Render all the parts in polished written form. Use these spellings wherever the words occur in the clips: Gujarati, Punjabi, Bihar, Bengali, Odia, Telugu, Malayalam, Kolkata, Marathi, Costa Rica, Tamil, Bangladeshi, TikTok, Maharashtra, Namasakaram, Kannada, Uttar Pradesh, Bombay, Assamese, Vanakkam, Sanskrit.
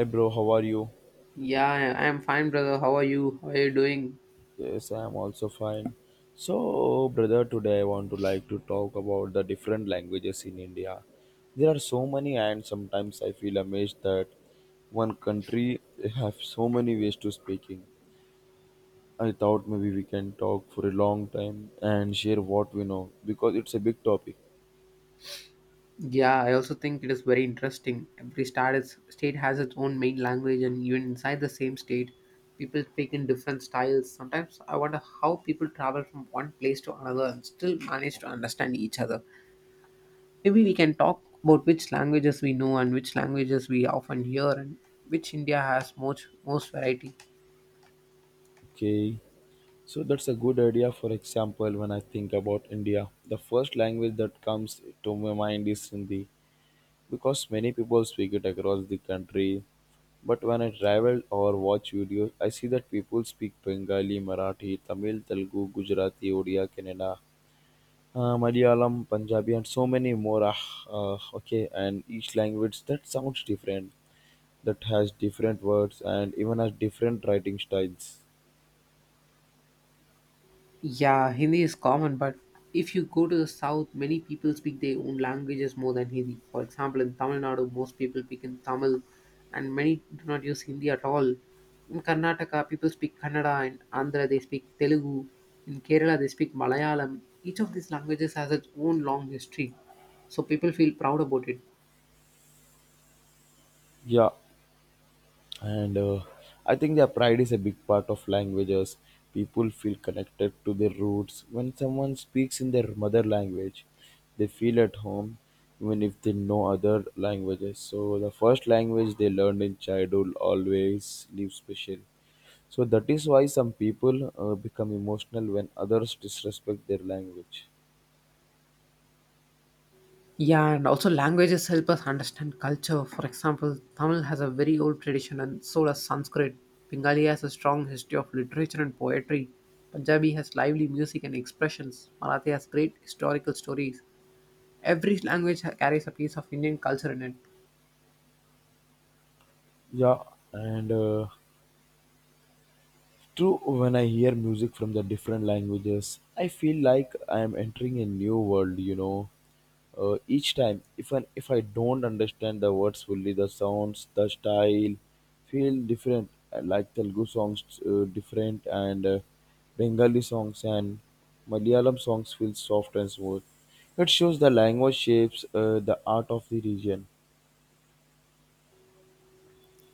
Hi bro, how are you? Yeah, am fine, brother. How are you? How are you doing? Yes, I am also fine. So, brother, today I want to talk about the different languages in India. There are so many and sometimes I feel amazed that one country have so many ways to speaking. I thought maybe we can talk for a long time and share what we know because it's a big topic. Yeah, I also think it is very interesting. State has its own main language, and even inside the same state, people speak in different styles. Sometimes I wonder how people travel from one place to another and still manage to understand each other. Maybe we can talk about which languages we know and which languages we often hear, and which India has most variety. Okay. So that's a good idea. For example, when I think about India, the first language that comes to my mind is Hindi, because many people speak it across the country. But when I travel or watch videos, I see that people speak Bengali, Marathi, Tamil, Telugu, Gujarati, Odia, Kannada, Malayalam, Punjabi, and so many more. Okay, and each language that sounds different, that has different words, and even has different writing styles. Yeah, Hindi is common, but if you go to the south, many people speak their own languages more than Hindi. For example, in Tamil Nadu, most people speak in Tamil, and many do not use Hindi at all. In Karnataka, people speak Kannada, in Andhra, they speak Telugu, in Kerala, they speak Malayalam. Each of these languages has its own long history, so people feel proud about it. Yeah, and I think their pride is a big part of languages. People feel connected to their roots. When someone speaks in their mother language, they feel at home, even if they know other languages. So the first language they learned in childhood always leaves special. So that is why some people become emotional when others disrespect their language. Yeah, and also languages help us understand culture. For example, Tamil has a very old tradition, and so does Sanskrit. Bengali has a strong history of literature and poetry. Punjabi has lively music and expressions. Marathi has great historical stories. Every language carries a piece of Indian culture in it. Yeah, and true, when I hear music from the different languages, I feel like I am entering a new world. Each time, if I don't understand the words fully, the sounds, the style feel different. I like Telugu songs different, and Bengali songs and Malayalam songs feel soft and smooth. It shows the language shapes the art of the region.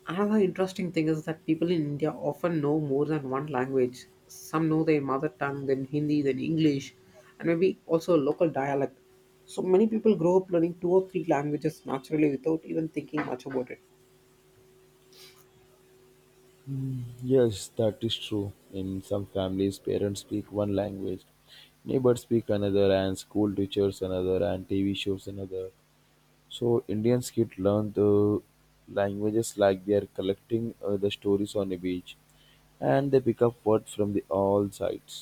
Another interesting thing is that people in India often know more than one language. Some know their mother tongue, then Hindi, then English, and maybe also a local dialect. So many people grow up learning two or three languages naturally without even thinking much about it. Mm, yes, that is true. In some families, parents speak one language, neighbors speak another, and school teachers another, and TV shows another. So Indians kids learn the languages like they are collecting the stories on a beach, and they pick up words from the all sides.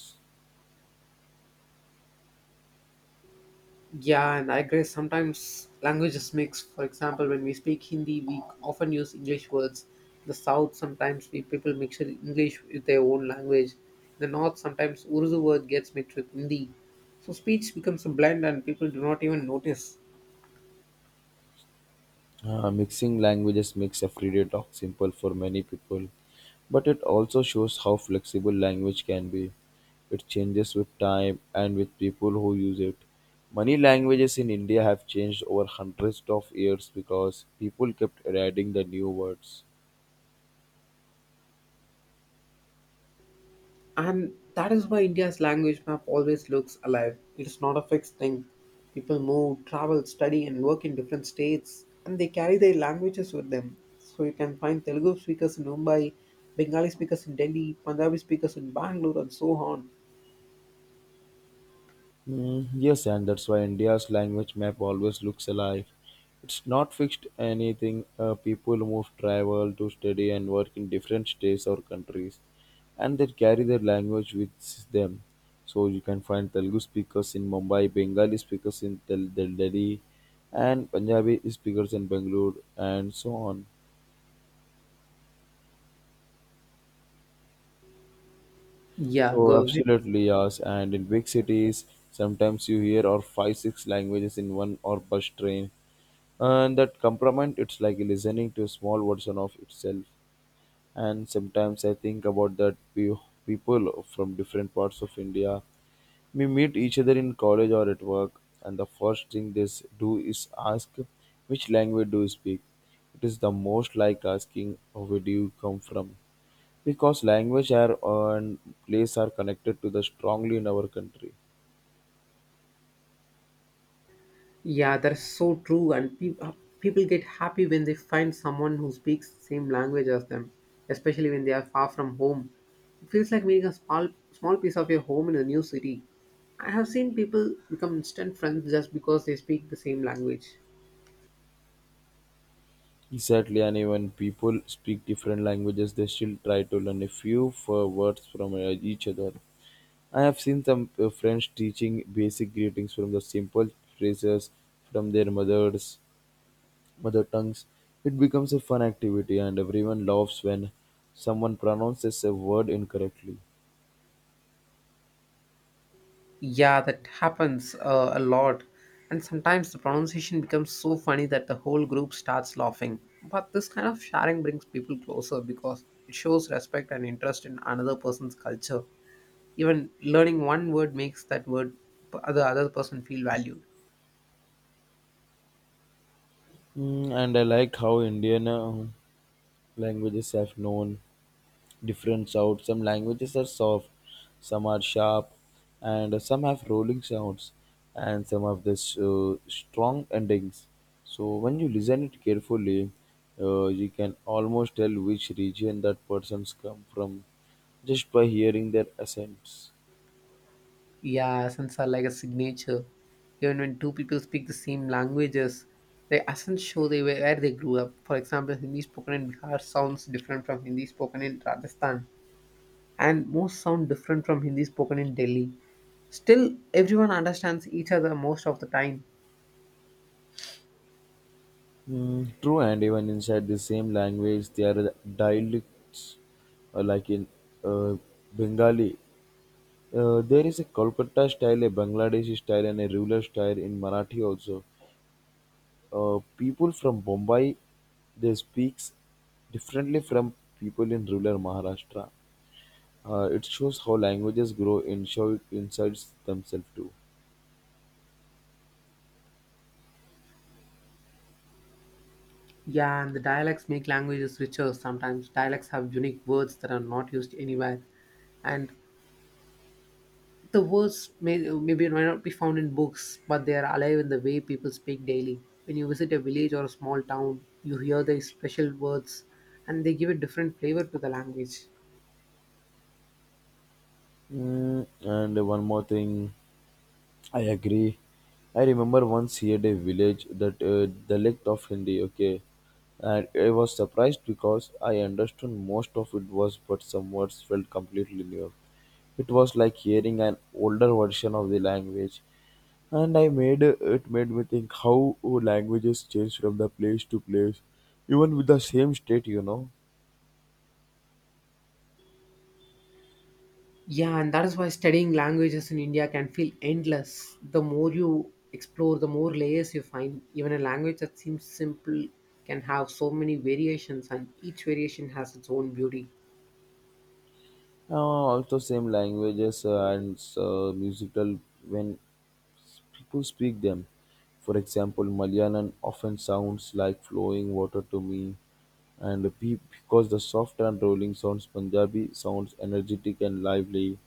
Yeah, and I agree. Sometimes languages mix. For example, when we speak Hindi, we often use English words. In the South, sometimes we people English with their own language. In the North, sometimes Urdu word gets mixed with Hindi. So speech becomes a blend, and people do not even notice. Mixing languages makes everyday talk simple for many people, but it also shows how flexible language can be. It changes with time and with people who use it. Many languages in India have changed over hundreds of years because people kept adding the new words. And that is why India's language map always looks alive. It's not a fixed thing. People move, travel, study, and work in different states, and they carry their languages with them. So you can find Telugu speakers in Mumbai, Bengali speakers in Delhi, Punjabi speakers in Bangalore, and so on. Mm, yes, and that's why India's language map always looks alive. It's not fixed anything. People move, travel to study and work in different states or countries, and they carry their language with them. So you can find Telugu speakers in Mumbai, Bengali speakers in Delhi, and Punjabi speakers in Bangalore, and so on. Yeah, So go ahead. absolutely yes, and in big cities, sometimes you hear or five six languages in one or bus train, and that compliment it's like listening to a small version of itself. And sometimes I think about people from different parts of india. We meet each other in college or at work, and the first thing they do is ask, which language do you speak? It is the most like asking, where do you come from? Because language are and place are connected to the strongly in our country. Yeah, that's so true. And people get happy when they find someone who speaks the same language as them, especially when they are far from home. It feels like meeting a small, small piece of your home in a new city. I have seen people become instant friends just because they speak the same language. Exactly, and even people speak different languages, they still try to learn a few for words from each other. I have seen some friends teaching basic greetings from the simple phrases from their mother tongues. It becomes a fun activity, and everyone laughs when someone pronounces a word incorrectly. Yeah, that happens a lot. And sometimes the pronunciation becomes so funny that the whole group starts laughing. But this kind of sharing brings people closer because it shows respect and interest in another person's culture. Even learning one word makes that word the other person feel valued. Mm, and I like how Indian languages have known different sounds. Some languages are soft, some are sharp, and some have rolling sounds, and some have this strong endings. So when you listen it carefully, you can almost tell which region that person's come from just by hearing their accents. Yeah, accents are like a signature. Even when two people speak the same languages, the accents show they were where they grew up. For example, Hindi spoken in Bihar sounds different from Hindi spoken in Rajasthan, and most sound different from Hindi spoken in Delhi. Still, everyone understands each other most of the time. Mm, true, and even inside the same language, there are dialects, like in uh, Bengali. There is a Kolkata style, a Bangladeshi style, and a ruler style in Marathi also. People from Bombay, they speaks differently from people in rural Maharashtra. It shows how languages grow and show it insides themselves too. Yeah, and the dialects make languages richer. Sometimes dialects have unique words that are not used anywhere. And the words may not be found in books, but they are alive in the way people speak daily. When you visit a village or a small town, you hear these special words, and they give a different flavor to the language. Mm, and one more thing, I agree. I remember once here a village that dialect of Hindi. Okay, and I was surprised because I understood most of it was, but some words felt completely new. It was like hearing an older version of the language, and I made it made me think how languages change from the place to place, even with the same state, you know. Yeah, and that is why studying languages in India can feel endless. The more you explore, the more layers you find. Even a language that seems simple can have so many variations, and each variation has its own beauty. Also same languages and musical when people speak them. For example, Malayalam often sounds like flowing water to me, and because the soft and rolling sounds, Punjabi sounds energetic and lively.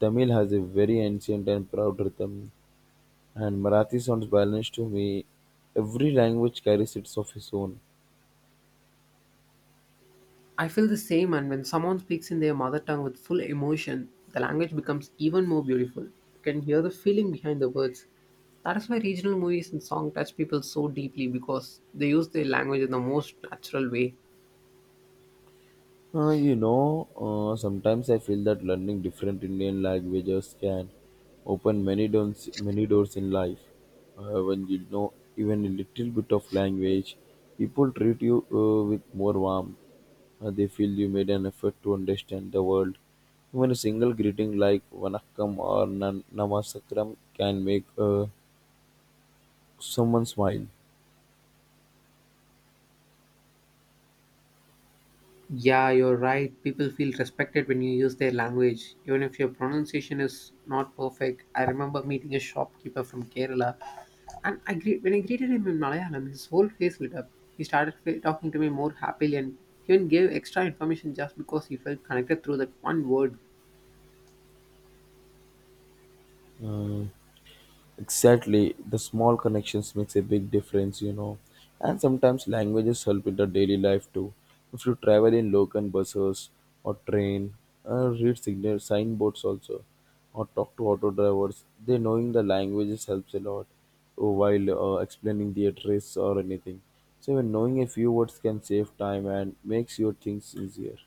Tamil has a very ancient and proud rhythm, and Marathi sounds balanced to me. Every language carries its of its own. I feel the same, and when someone speaks in their mother tongue with full emotion, the language becomes even more beautiful. You can hear the feeling behind the words. That is why regional movies and songs touch people so deeply because they use their language in the most natural way. Sometimes I feel that learning different Indian languages can open many doors in life. When you know even a little bit of language, people treat you with more warmth. They feel you made an effort to understand the world. Even a single greeting like Vanakkam or "Nam- Namasakaram can make someone smile. Yeah, you're right. People feel respected when you use their language, even if your pronunciation is not perfect. I remember meeting a shopkeeper from Kerala, and I greeted him in Malayalam, his whole face lit up. He started talking to me more happily, and he even gave extra information just because he felt connected through that one word. Uh, Exactly, the small connections makes a big difference, you know. And sometimes languages help in the daily life too. If you travel in local buses or train, read signal signboards also, or talk to auto drivers, they knowing the languages helps a lot while explaining the address or anything. So even knowing a few words can save time and makes your things easier.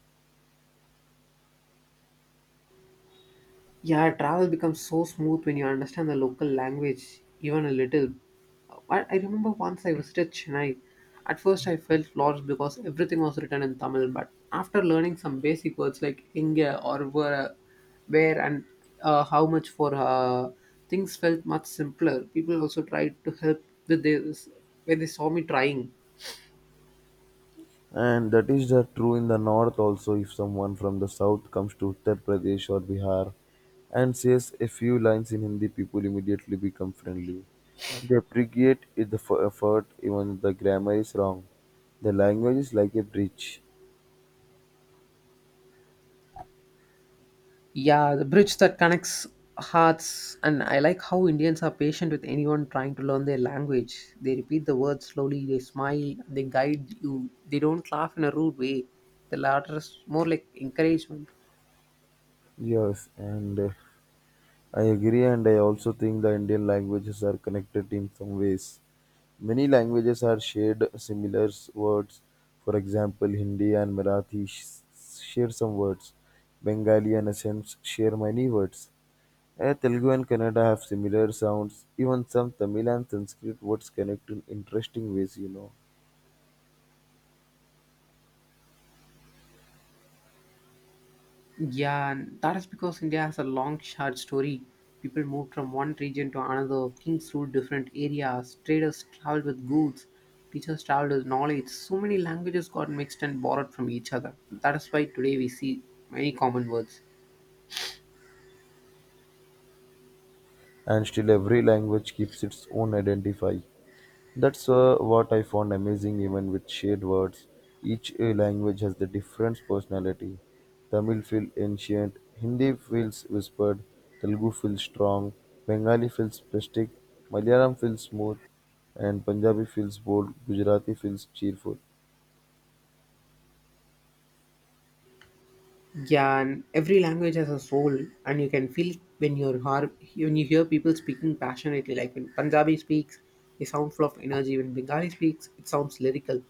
Yeah, travel becomes so smooth when you understand the local language, even a little. I remember once I visited Chennai. At first, I felt lost because everything was written in Tamil, but after learning some basic words like inga or where and how much for, things felt much simpler. People also tried to help with this when they saw me trying. And that is the true in the north also. If someone from the south comes to Uttar Pradesh or Bihar and says a few lines in Hindi, people immediately become friendly. They appreciate it the effort even if the grammar is wrong. The language is like a bridge. Yeah, the bridge that connects hearts. And I like how Indians are patient with anyone trying to learn their language. They repeat the words slowly, they smile, they guide you. They don't laugh in a rude way. The latter is more like encouragement. Yes, and I agree, and I also think the Indian languages are connected in some ways. Many languages are shared similar words. For example, Hindi and Marathi share some words. Bengali and Assamese share many words. Eh, Telugu and Kannada have similar sounds. Even some Tamil and Sanskrit words connect in interesting ways, you know. Yeah, and that is because India has a long, short story. People moved from one region to another, kings ruled different areas, traders traveled with goods, teachers traveled with knowledge. So many languages got mixed and borrowed from each other. That is why today we see many common words. And still, every language keeps its own identify. That's what I found amazing, even with shared words. Each language has the different personality. Tamil feels ancient, Hindi feels whispered, Telugu feels strong, Bengali feels plastic, Malayalam feels smooth, and Punjabi feels bold, Gujarati feels cheerful. Yeah, and every language has a soul, and you can feel it when when you hear people speaking passionately. Like when Punjabi speaks, they sound full of energy. When Bengali speaks, it sounds lyrical.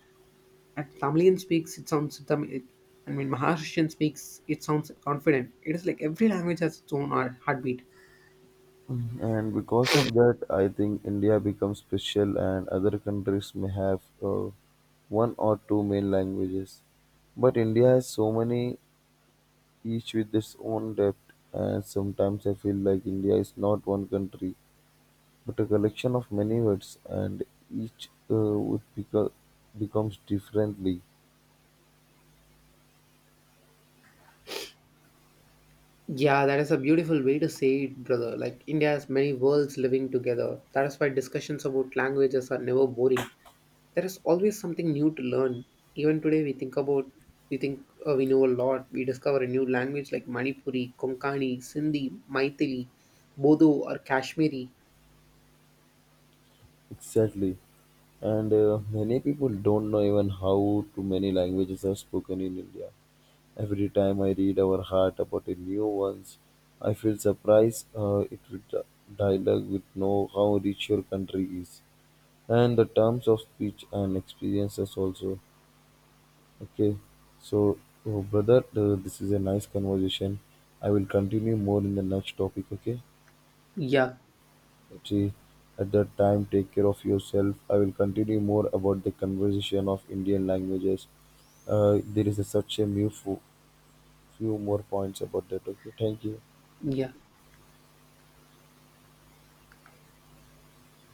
And Tamilian speaks, it sounds Tamil. And when Maharashtrian speaks, it sounds confident. It is like every language has its own heartbeat. And because of that, I think India becomes special, and other countries may have one or two main languages. But India has so many, each with its own depth, and sometimes I feel like India is not one country, but a collection of many words, and each would becomes differently. Yeah, that is a beautiful way to say it, brother. Like India has many worlds living together. That is why discussions about languages are never boring. There is always something new to learn. Even today, we think about we think we know a lot. We discover a new language like Manipuri, Konkani, Sindhi, Maithili, Bodo or Kashmiri. Exactly. And many people don't know even how too many languages are spoken in India. Every time I read our heart about a new ones, I feel surprised it with the dialogue with know how rich your country is, and the terms of speech and experiences also. Okay, so oh, brother, this is a nice conversation. I will continue more in the next topic. Okay, Yeah. see, at that time, take care of yourself. I will continue more about the conversation of Indian languages. There is such a few more points about that. Okay, thank you. Yeah.